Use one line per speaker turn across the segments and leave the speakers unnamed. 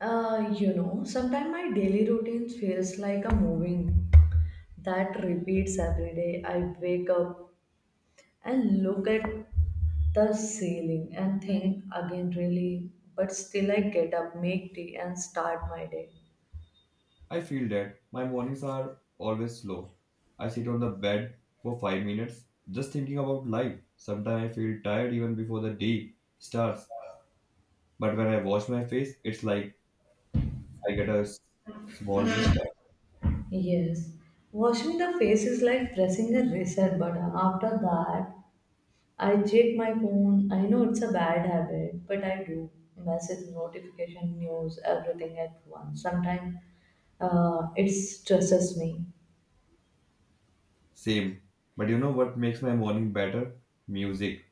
Sometimes my daily routine feels like a moving that repeats every day. I wake up and look at the ceiling and think again, really, but still I get up, make tea, and start my day.
I feel that my mornings are always slow. I sit on the bed for 5 minutes just thinking about life. Sometimes I feel tired even before the day starts. But when I wash my face, it's like I get a small restart.
Yes, washing the face is like pressing a reset button. After that, I check my phone. I know it's a bad habit, but I do. Message, notification, news, everything at once. Sometimes it stresses me.
Same. But you know what makes my morning better? Music.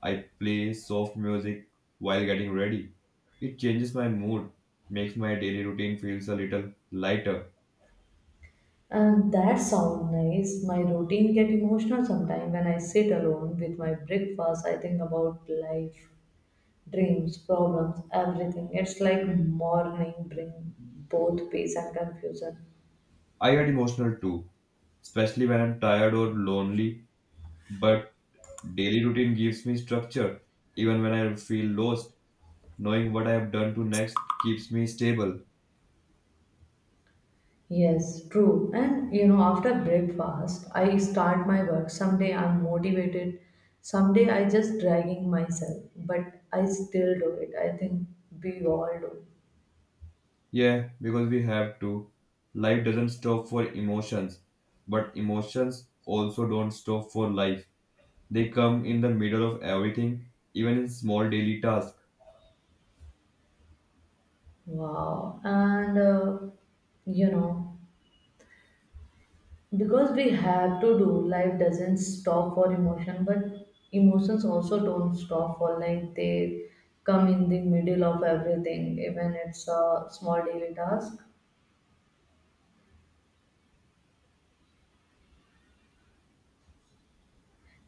I play soft music while getting ready. It changes my mood, makes my daily routine feels a little lighter.
And that sounds nice. My routine get emotional sometimes when I sit alone with my breakfast. I think about life, dreams, problems, everything. It's like morning bring both peace and confusion.
I get emotional too, especially when I'm tired or lonely. But daily routine gives me structure. Even when I feel lost, knowing what I have done to next keeps me stable.
Yes, true. And you know, after breakfast, I start my work. Someday I'm motivated, someday I just dragging myself, but I still do it. I think we all do.
Yeah, because we have to. Life doesn't stop for emotions, but emotions also don't stop for life. They come in the middle of everything, even in small daily tasks.
Wow. And you know, because we have to do, life doesn't stop for emotion, but emotions also don't stop for like they come in the middle of everything, even it's a small daily task.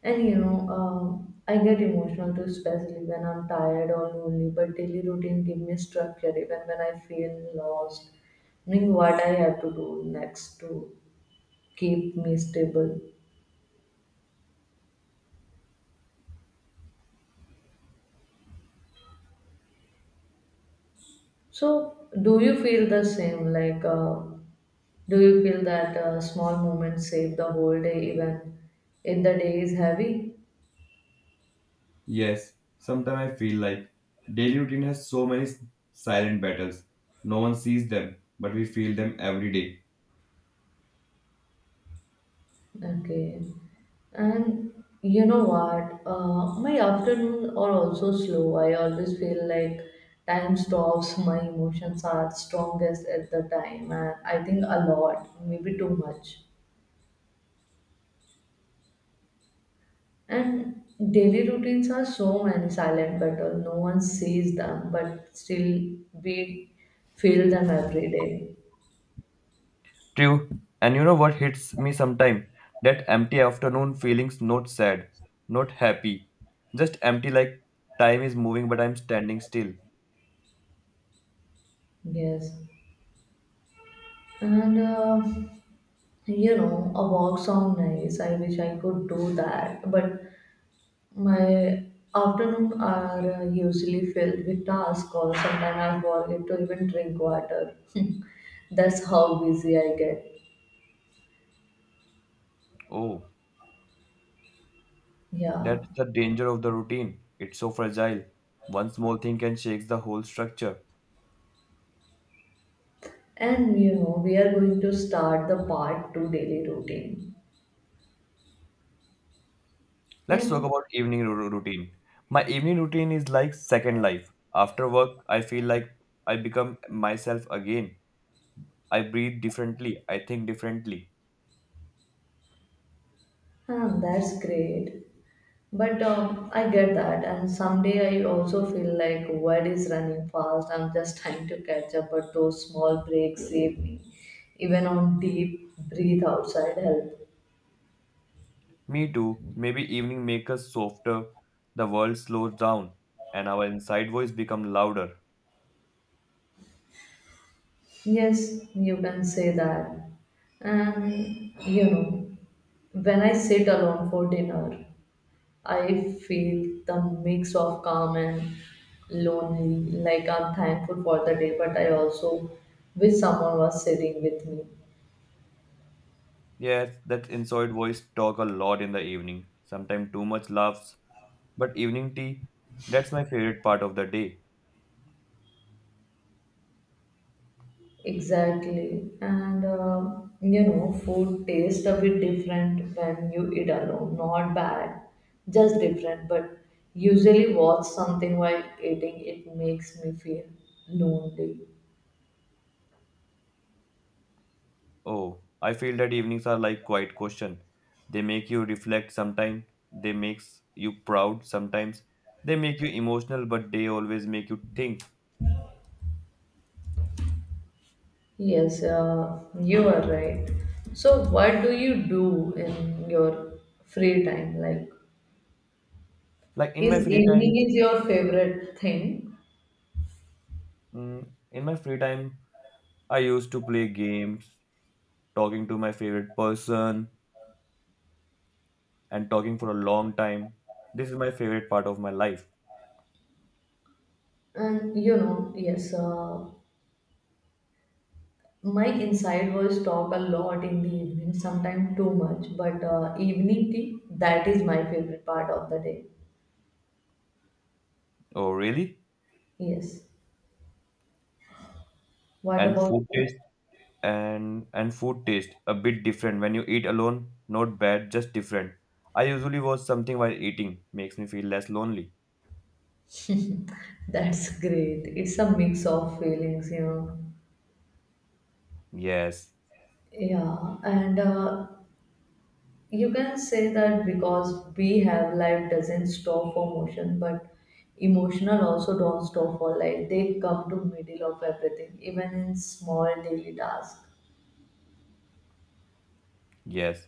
And you know, I get emotional too, especially when I'm tired or lonely. But daily routine give me structure even when I feel lost, knowing what I have to do next to keep me stable. So, do you feel the same? Like, do you feel that small moments save the whole day, even if the day is heavy?
Yes, sometimes I feel like daily routine has so many silent battles. No one sees them, but we feel them every day.
Okay. And you know what? My afternoon are also slow. I always feel like time stops. My emotions are strongest at the time, and I think a lot, maybe too much. And daily routines are so many silent battles. No one sees them, but still we feel them every day.
True. And you know what hits me sometimes? That empty afternoon feelings not sad, not happy. Just empty, like time is moving but I'm standing still.
Yes. And you know, a walk sound nice. I wish I could do that, but my afternoon are usually filled with tasks or sometimes I forget to even drink water. That's how busy I get.
Oh,
Yeah.
that's the danger of the routine. It's so fragile. One small thing can shake the whole structure.
And you know, we are going to start the part two daily routine.
Let's talk
And
about evening routine. My evening routine is like second life. After work, I feel like I become myself again. I breathe differently. I think differently.
huh, that's great. But I get that. And someday I also feel like world is running fast. I'm just trying to catch up, but those small breaks save me. Even on deep breathe outside help.
Me too. Maybe evening make us softer, the world slows down, and our inside voice become louder.
Yes, you can say that. And you know, when I sit alone for dinner, I feel the mix of calm and lonely. Like I'm thankful for the day, but I also wish someone was sitting with me.
Yes, that inside voice talk a lot in the evening. Sometimes too much laughs, but evening tea, that's my favorite part of the day.
Exactly. And you know, food tastes a bit different when you eat alone. Not bad, just different. But usually, watch something while eating, it makes me feel lonely.
Oh, I feel that evenings are like quiet question. They make you reflect sometimes, they makes you proud sometimes, they make you emotional, but they always make you think.
Yes, you are right. So, what do you do in your free time? Like,
Like in
is
my free time,
evening is your favorite thing?
mm, in my free time, I used to play games, talking to my favorite person and talking for a long time. This is my favorite part of my life.
And you know, yes, my inside voice talk a lot in the evening, sometimes too much, but evening tea, that is my favorite part of the day.
Oh, really?
Yes. What
And
about
food
you?
taste and food taste a bit different when you eat alone. Not bad, just different. I usually watch something while eating. Makes me feel less lonely.
That's great. It's a mix of feelings, you know.
Yes,
Yeah, and you can say that because we have life doesn't stop for motion, but emotional also don't stop for life. They come to middle of everything, even in small daily tasks.
yes.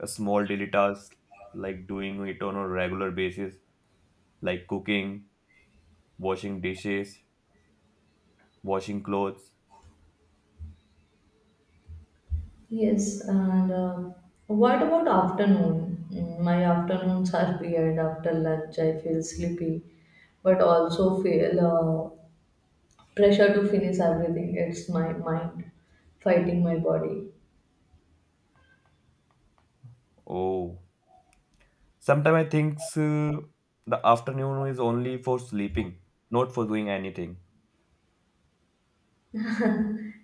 A small daily task, like doing it on a regular basis, like cooking, washing dishes, washing clothes.
Yes, and what about afternoon? Mm, my afternoons are weird. After lunch, I feel sleepy, but also feel pressure to finish everything. It's my mind fighting my body.
Oh, sometimes I think the afternoon is only for sleeping, not for doing anything.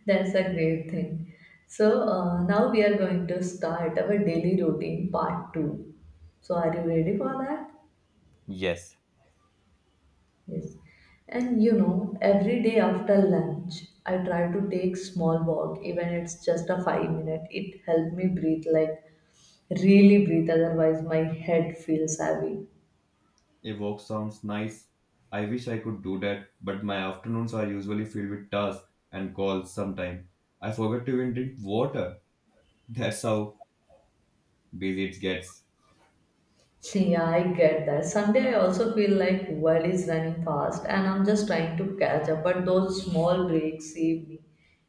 That's a great thing. So now we are going to start our daily routine part two. So are you ready for that?
Yes.
Yes. And you know, every day after lunch, I try to take small walk, even it's just a 5 minute. It helped me breathe, like really breathe. Otherwise, my head feels heavy.
A walk sounds nice. I wish I could do that, but my afternoons are usually filled with tasks and calls. Sometimes I forget to even drink water. That's how busy it gets.
Yeah, I get that. Sunday, I also feel like world is running fast, and I'm just trying to catch up. But those small breaks save me.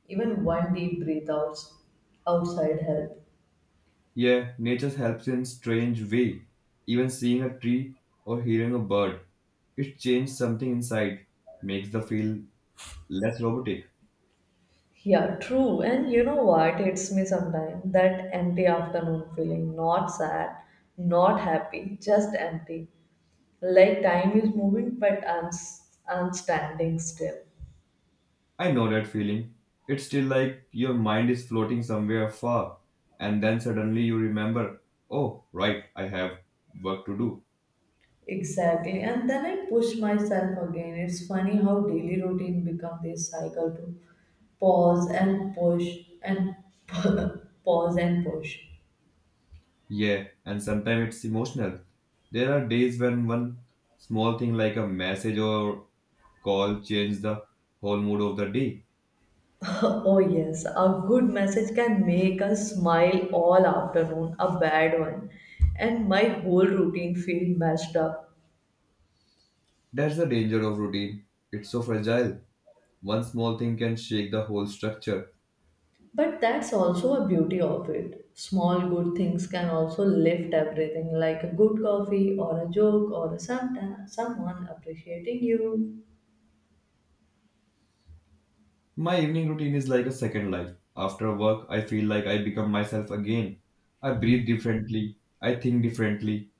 Even one deep breath outside help.
Yeah, nature helps in strange way. Even seeing a tree or hearing a bird, it changes something inside, makes the feel less robotic.
Yeah, true. And you know what hits me sometimes? That empty afternoon feeling. Not sad, not happy, just empty. Like time is moving, but I'm standing still.
I know that feeling. It's still like your mind is floating somewhere far, and then suddenly you remember, oh, right, I have work to do.
Exactly. And then I push myself again. It's funny how daily routine become this cycle to pause and push and pause and push.
Yeah, and sometimes it's emotional. There are days when one small thing like a message or call changes the whole mood of the day.
Oh, yes, a good message can make us smile all afternoon, a bad one, and my whole routine feel messed up.
That's the danger of routine. It's so fragile. One small thing can shake the whole structure.
But that's also a beauty of it. Small good things can also lift everything, like a good coffee or a joke or a sometime, someone appreciating you.
My evening routine is like a second life. After work, I feel like I become myself again. I breathe differently. I think differently.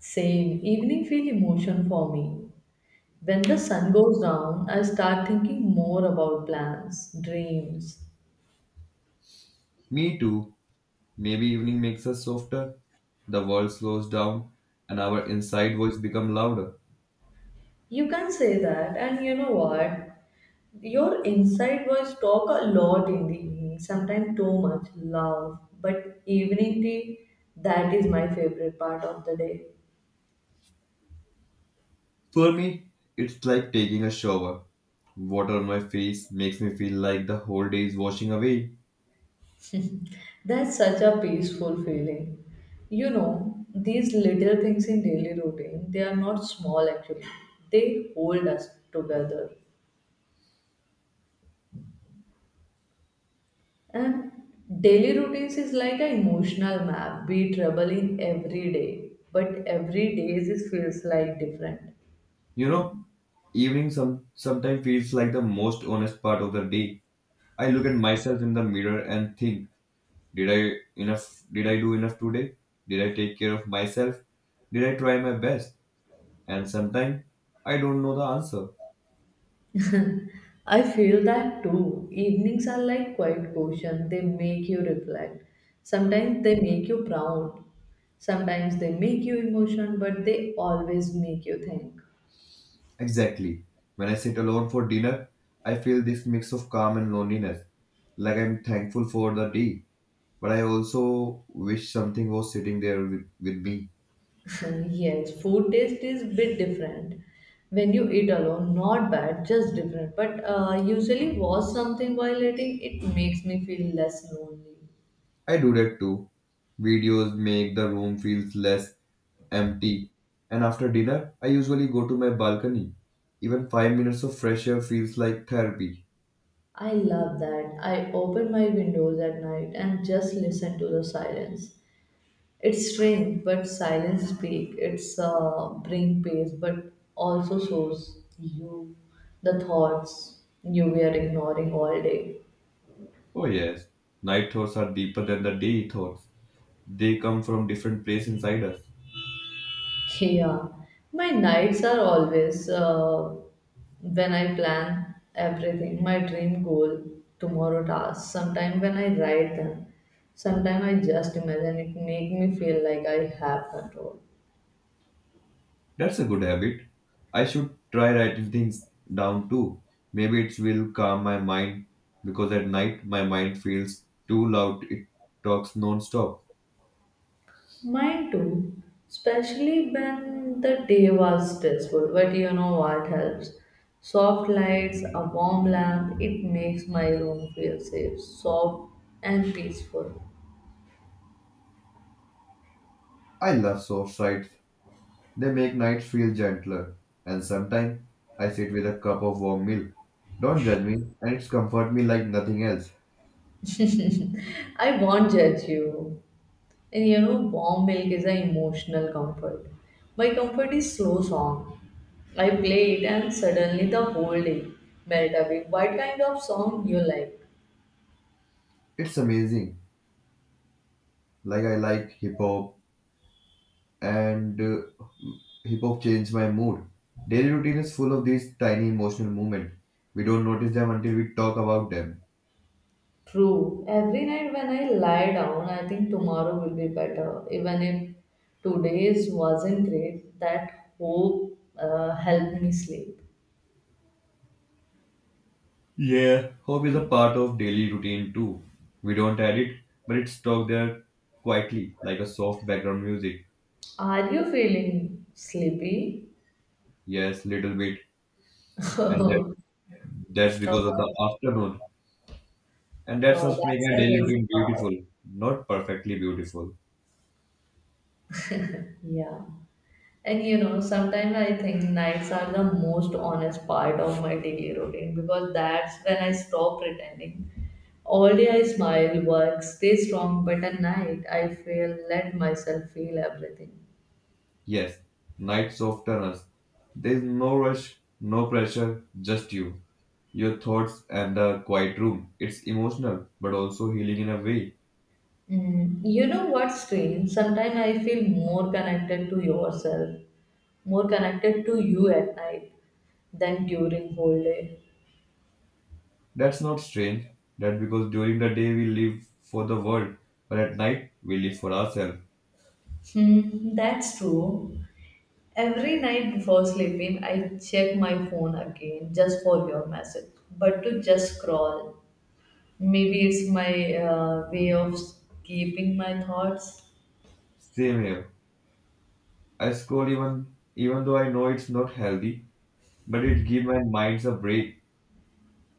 Same, evening feel emotion for me. When the sun goes down, I start thinking more about plans, dreams.
Me too. Maybe evening makes us softer. The world slows down and our inside voice become louder.
You can say that, and you know what? Your inside voice talk a lot in the evening, sometimes too much, love. But evening tea, that is my favorite part of the day.
For me, it's like taking a shower. Water on my face makes me feel like the whole day is washing away.
That's such a peaceful feeling. You know, these little things in daily routine, they are not small actually. They hold us together. And daily routines is like an emotional map. We travel in every day, but it feels like different.
You know, evening sometimes feels like the most honest part of the day. I look at myself in the mirror and think, Did I enough did I do enough today? Did I take care of myself? Did I try my best? And sometimes I don't know the answer.
I feel that too. Evenings are like quiet quotient. They make you reflect. Sometimes they make you proud. Sometimes they make you emotional, but they always make you think.
Exactly. When I sit alone for dinner, I feel this mix of calm and loneliness. Like I'm thankful for the day, but I also wish something was sitting there with me.
Yes, food taste is bit different. When you eat alone, not bad, just different. But usually watch something while eating, it makes me feel less lonely.
I do that too. Videos make the room feels less empty. And after dinner, I usually go to my balcony. Even 5 minutes of fresh air feels like therapy.
I love that. I open my windows at night and just listen to the silence. It's strange, but silence speak. It's bring peace, but also shows the thoughts you were ignoring all day.
Oh, yes. Night thoughts are deeper than the day thoughts. They come from different place inside us.
Yeah, my nights are always when I plan everything, my dream goal, tomorrow tasks. Sometimes when I write them, sometimes I just imagine it make me feel like I have control.
That's a good habit. I should try writing things down too. Maybe it will calm my mind, because at night my mind feels too loud. It talks non-stop.
Mine too, especially when the day was stressful. But you know what helps? Soft lights, a warm lamp, it makes my room feel safe, soft, and peaceful.
I love soft sights. They make nights feel gentler. And sometimes I sit with a cup of warm milk. Don't judge me, and it's comfort me like nothing else.
I won't judge you. And you know, warm milk is an emotional comfort. My comfort is slow song. I play it and suddenly the whole day melt away. What kind of song you like?
It's amazing. Like I like hip hop, and hip hop changed my mood. Daily routine is full of these tiny emotional moments. We don't notice them until we talk about them.
True. Every night when I lie down, I think tomorrow will be better. Even if today's wasn't great, that hope helped me sleep.
Yeah, hope is a part of daily routine too. We don't add it, but it's stuck there quietly, like a soft background music.
Are you feeling sleepy?
Yes, little bit,
uh,
and that
uh,
that's because of the afternoon. And that's what makes
that's
my
the
daily
crazy
routine
part.
beautiful, not perfectly beautiful.
Yeah. And you know, sometimes I think nights are the most honest part of my daily routine because that's when I stop pretending. All day I smile, work, stay strong, but at night I feel let myself feel everything.
Yes, nights of tunnels. There's no rush, no pressure, just you, your thoughts and the quiet room. It's emotional, but also healing in a way.
Mm, you know what's strange? Sometimes I feel more connected to yourself, more connected to you at night than during whole day.
That's not strange. That because during the day we live for the world, but at night we live for ourselves.
Hmm, that's true. Every night before sleeping, I check my phone again just for your message. But to just scroll, maybe it's my way of keeping my thoughts.
Same here. I scroll, even though I know it's not healthy, but it give my minds a break.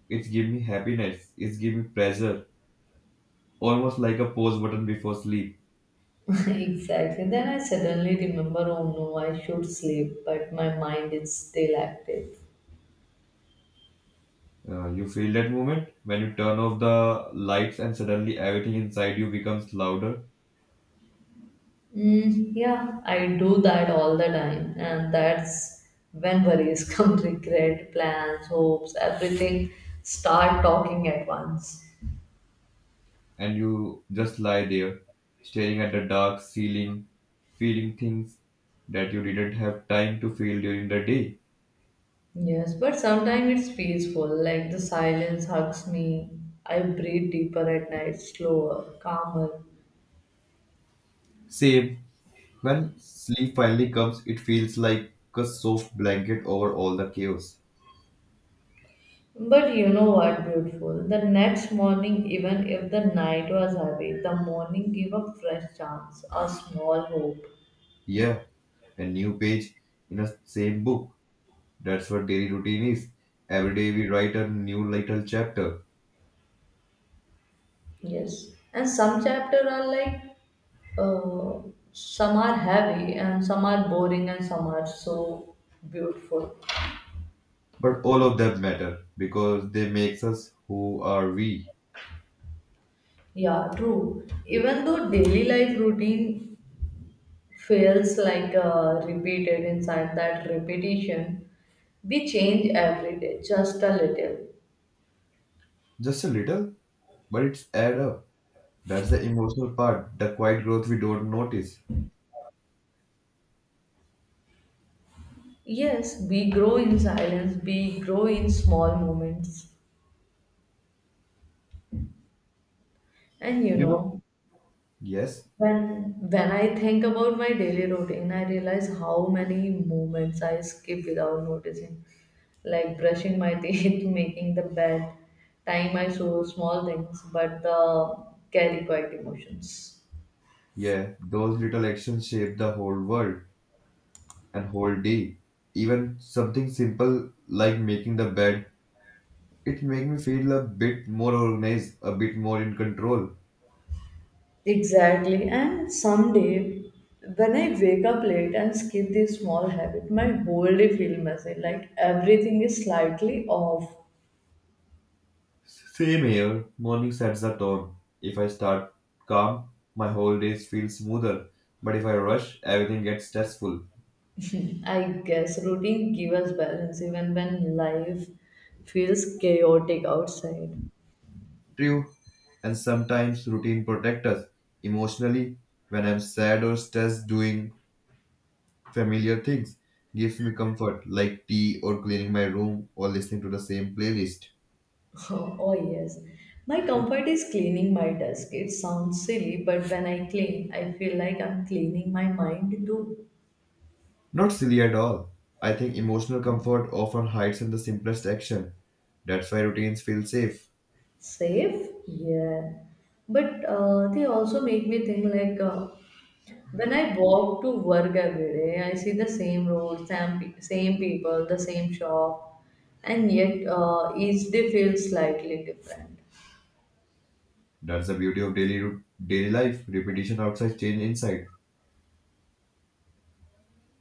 It give me happiness. It give me pleasure. Almost like a pause button before sleep.
Exactly. Then I suddenly remember, oh no, I should sleep, but my mind is still active.
You feel that moment when you turn off the lights and suddenly everything inside you becomes louder,
Mm, yeah, I do that all the time, and that's when worries come, regret, plans, hopes, everything start talking at once.
and you just lie there, staring at the dark ceiling, feeling things that you didn't have time to feel during the day.
Yes, but sometimes it's peaceful, like the silence hugs me. I breathe deeper at night, slower, calmer.
Same, when sleep finally comes, it feels like a soft blanket over all the chaos.
But you know what, beautiful? The next morning, even if the night was heavy, the morning gave a fresh chance, a small hope.
Yeah, a new page in a same book. That's what daily routine is. Every day we write a new little chapter.
Yes. And some chapters are like uh, some are heavy and some are boring and some are so beautiful
But all of them matter because they makes us who are we.
yeah true even though daily life routine feels like repeated inside that repetition. We change every day, just a little.
Just a little, but it's add up. That's the emotional part, the quiet growth we don't notice.
Yes, we grow in silence, we grow in small moments. And you
You know?
know,
Yes,
when I think about my daily routine, I realize how many moments I skip without noticing. Like brushing my teeth, making the bed, tying my shoes small things, but carry quiet emotions.
yeah, those little actions shape the whole world and whole day. Even something simple like making the bed, it makes me feel a bit more organized, a bit more in control.
Exactly. And someday, when I wake up late and skip this small habit, my whole day feels messy. Like everything is slightly off.
Same here, morning sets the tone. If I start calm, my whole day feels smoother. But if I rush, everything gets stressful.
I guess routine gives us balance even when life feels chaotic outside.
True, and sometimes routine protect us emotionally. When I'm sad or stressed, doing familiar things gives me comfort, like tea or cleaning my room or listening to the same playlist.
Oh, yes. My comfort is cleaning my desk. It sounds silly, but when I clean, I feel like I'm cleaning my mind too.
Not silly at all. I think emotional comfort often hides in the simplest action. That's why routines feel safe.
Safe? Yeah. But they also make me think like, when I walk to work every day, I see the same road, same people, the same shop, and yet each day feels slightly different.
That's the beauty of daily life, repetition outside, change inside.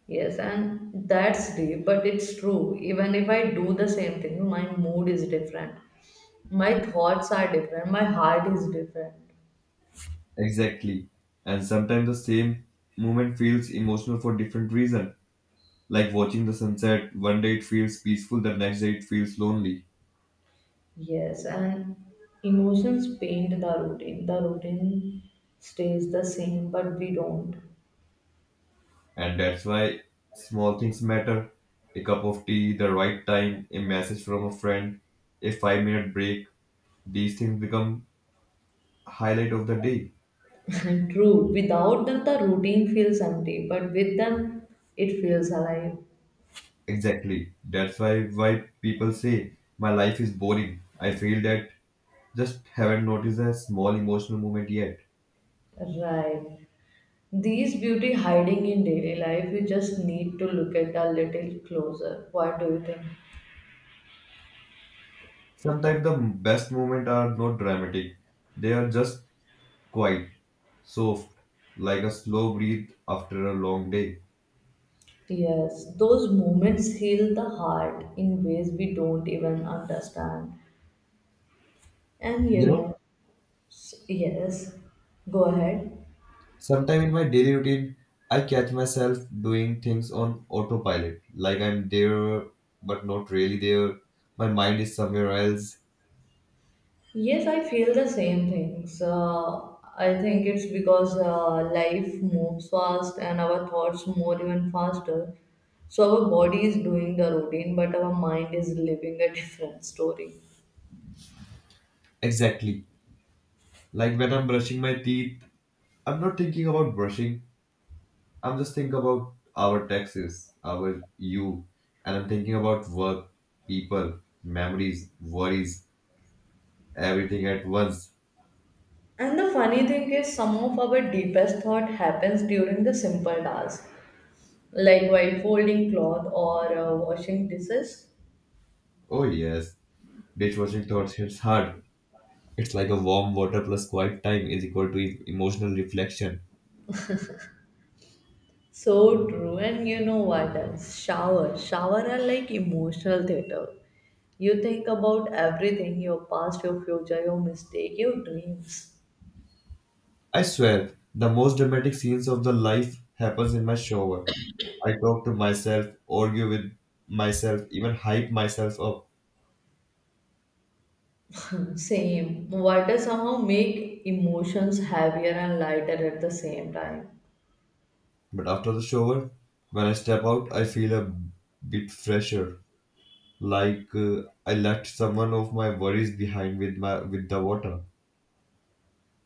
Yes, and that's deep, but it's true. Even if I do the same thing, my mood is different. My thoughts are different. My heart is different.
Exactly, and sometimes the same movement feels emotional for different reason, like watching the sunset, one day it feels peaceful, the next day it feels lonely.
Yes, and emotions paint the routine. The routine stays the same, but we don't.
And that's why small things matter: a cup of tea the right time, a message from a friend, a 5-minute break, these things become highlight of the day.
True. Without them, the routine feels empty, but with them, it feels alive.
Exactly, that's why people say my life is boring. I feel that just haven't noticed a small emotional moment yet.
Right. These beauty hiding in daily life, you just need to look at a little closer. What do you think?
Sometimes the best moments are not dramatic, they are just quiet, soft, like a slow breath after a long day.
Yes, those moments heal the heart in ways we don't even understand. And you
You know,
know, yes, go ahead.
sometimes in my daily routine, I catch myself doing things on autopilot, like I'm there but not really there. My mind is somewhere else.
Yes, I feel the same things. I think it's because life moves fast and our thoughts move even faster. So our body is doing the routine, but our mind is living a different story.
Exactly. Like when I'm brushing my teeth, I'm not thinking about brushing. I'm just thinking about our taxes, our you, and I'm thinking about work, people, memories, worries, everything at once.
And the funny thing is, some of our deepest thought happens during the simple tasks, like while folding cloth or washing dishes.
Oh yes. Dishwashing thoughts hits hard. It's like a warm water plus quiet time is equal to emotional reflection.
So true. And you know what else? Shower. Shower are like emotional theater. You think about everything, your past, your future, your mistake, your dreams.
I swear, the most dramatic scenes of the life happens in my shower. I talk to myself, argue with myself, even hype myself up.
Same. Water somehow make emotions heavier and lighter at the same time.
But after the shower, when I step out, I feel a bit fresher, like I left someone of my worries behind with the water.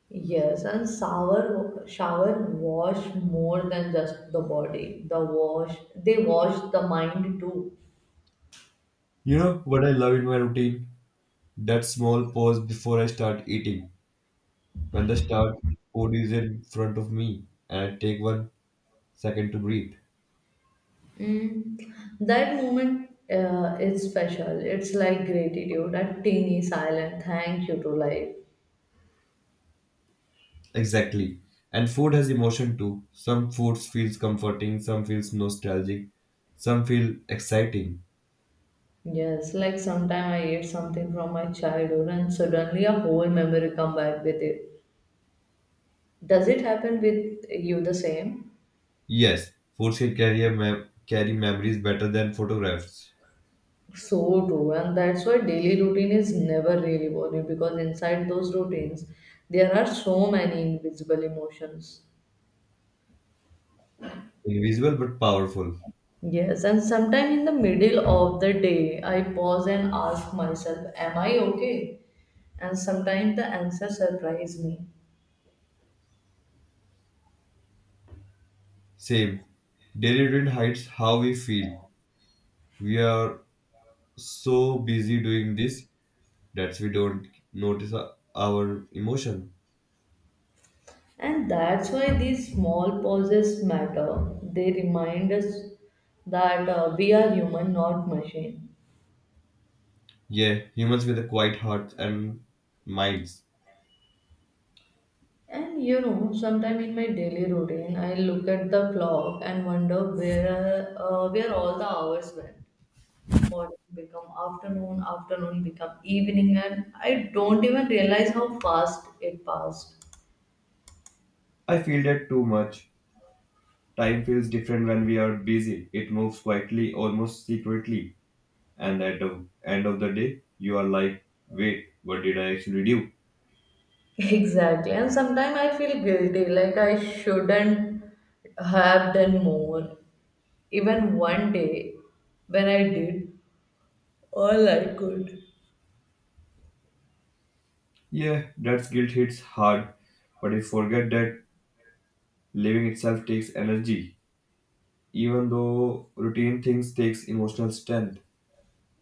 Yes, and shower wash more than just the body. The wash they wash the mind too.
You know what I love in my routine? That small pause before I start eating, when the star food is in front of me and I take one second to breathe.
Mm. That moment is special. It's like gratitude, a teeny silent thank you to life.
Exactly. And food has emotion too. Some foods feels comforting, some feels nostalgic, some feel exciting.
Yes, like sometime I ate something from my childhood and suddenly a whole memory come back with it. Does it happen with you the same?
Yes, foods can carry carry memories better than photographs.
So true, and that's why daily routine is never really boring because inside those routines there are so many invisible emotions.
Invisible but powerful.
Yes, and sometime in the middle of the day, I pause and ask myself, am I okay? And sometimes the answer surprise me.
Same. Daily routine hides how we feel. We are so busy doing this that we don't notice our emotion.
And that's why these small pauses matter. They remind us that we are human, not machine.
Yeah, humans with quiet hearts and minds.
And you know, sometime in my daily routine, I look at the clock and wonder where all the hours went. Morning become afternoon become evening, and I don't even realize how fast it passed.
I feel that too much. Time feels different when we are busy. It moves quietly, almost secretly. And at the end of the day, you are like, wait, what did I actually do?
Exactly, and sometimes I feel guilty, like I shouldn't have done more even one day when I did all I could.
Yeah, that guilt hits hard. But we forget that living itself takes energy. Even though routine things takes emotional strength.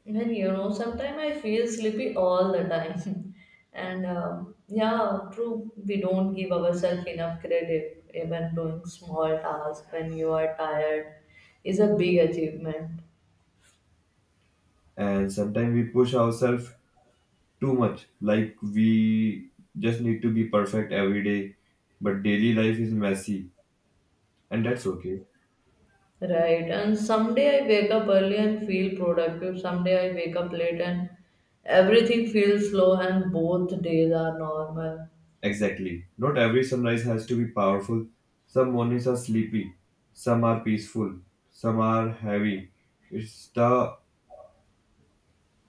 Even you know, sometimes I feel sleepy all the time. And yeah, true, we don't give ourselves enough credit. Even doing small tasks when you are tired is a big achievement,
And sometimes we push ourselves too much. Like we just need to be perfect every day, but daily life is messy, and that's okay.
right? And someday I wake up early and feel productive. Someday I wake up late and everything feels slow, and both days are normal.
Exactly. Not every sunrise has to be powerful. Some mornings are sleepy, some are peaceful, some are heavy. It's the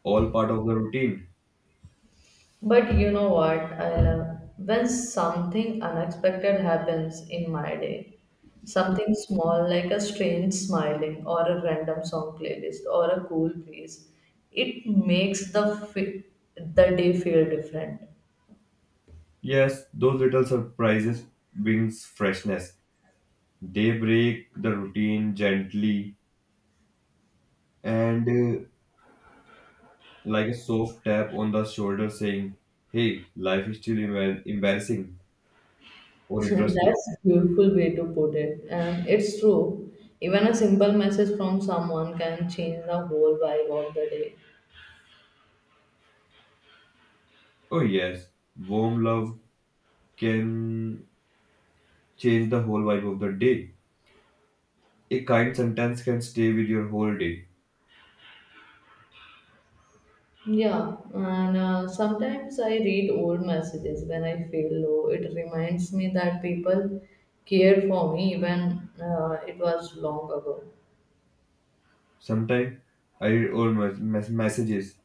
all part of the routine.
But you know what I love? When something unexpected happens in my day, something small like a strange smiling or a random song playlist or a cool piece, it makes the day feel different.
Yes, those little surprises brings freshness. They break the routine gently and, like a soft tap on the shoulder saying, hey, life is still embarrassing, or interesting.
That's a beautiful way to put it, and it's true. Even a simple message from someone can change the whole vibe of the day.
Oh, yes, warm love can change the whole vibe of the day. A kind sentence can stay with your whole day.
Yeah, and sometimes I read old messages when I feel low. It reminds me that people cared for me even it was long ago.
Sometimes I read old messages.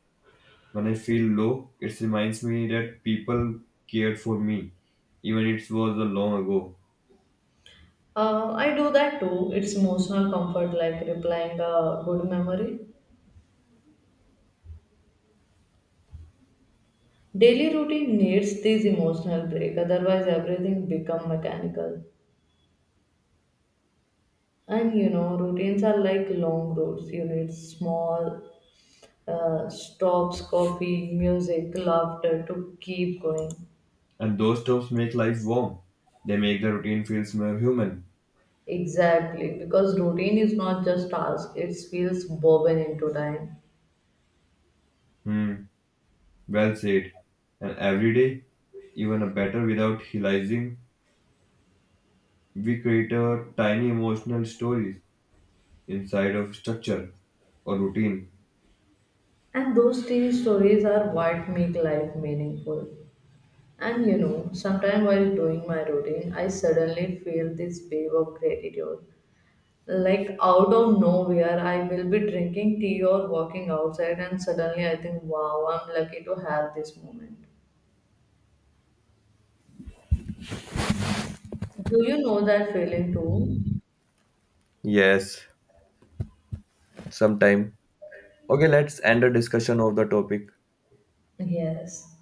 When I feel low, it reminds me that people cared for me, even it was a long ago.
I do that too. It's emotional comfort, like replying a good memory. Daily routine needs this emotional break, otherwise everything become mechanical. And you know, routines are like long roads. You need small stops, coffee, music, laughter to keep going.
And those tops make life warm. They make the routine feels more human.
Exactly, because routine is not just task, it feels woven into time.
Hmm, well said. And every day, even a better without realizing, we create our tiny emotional stories, inside of structure or routine.
And those TV stories are what make life meaningful. And you know, sometimes while doing my routine, I suddenly feel this wave of gratitude. Like out of nowhere, I will be drinking tea or walking outside, and suddenly I think, wow, I'm lucky to have this moment. Do you know that feeling too?
Yes, sometime. Okay, let's end the discussion of the topic.
Yes.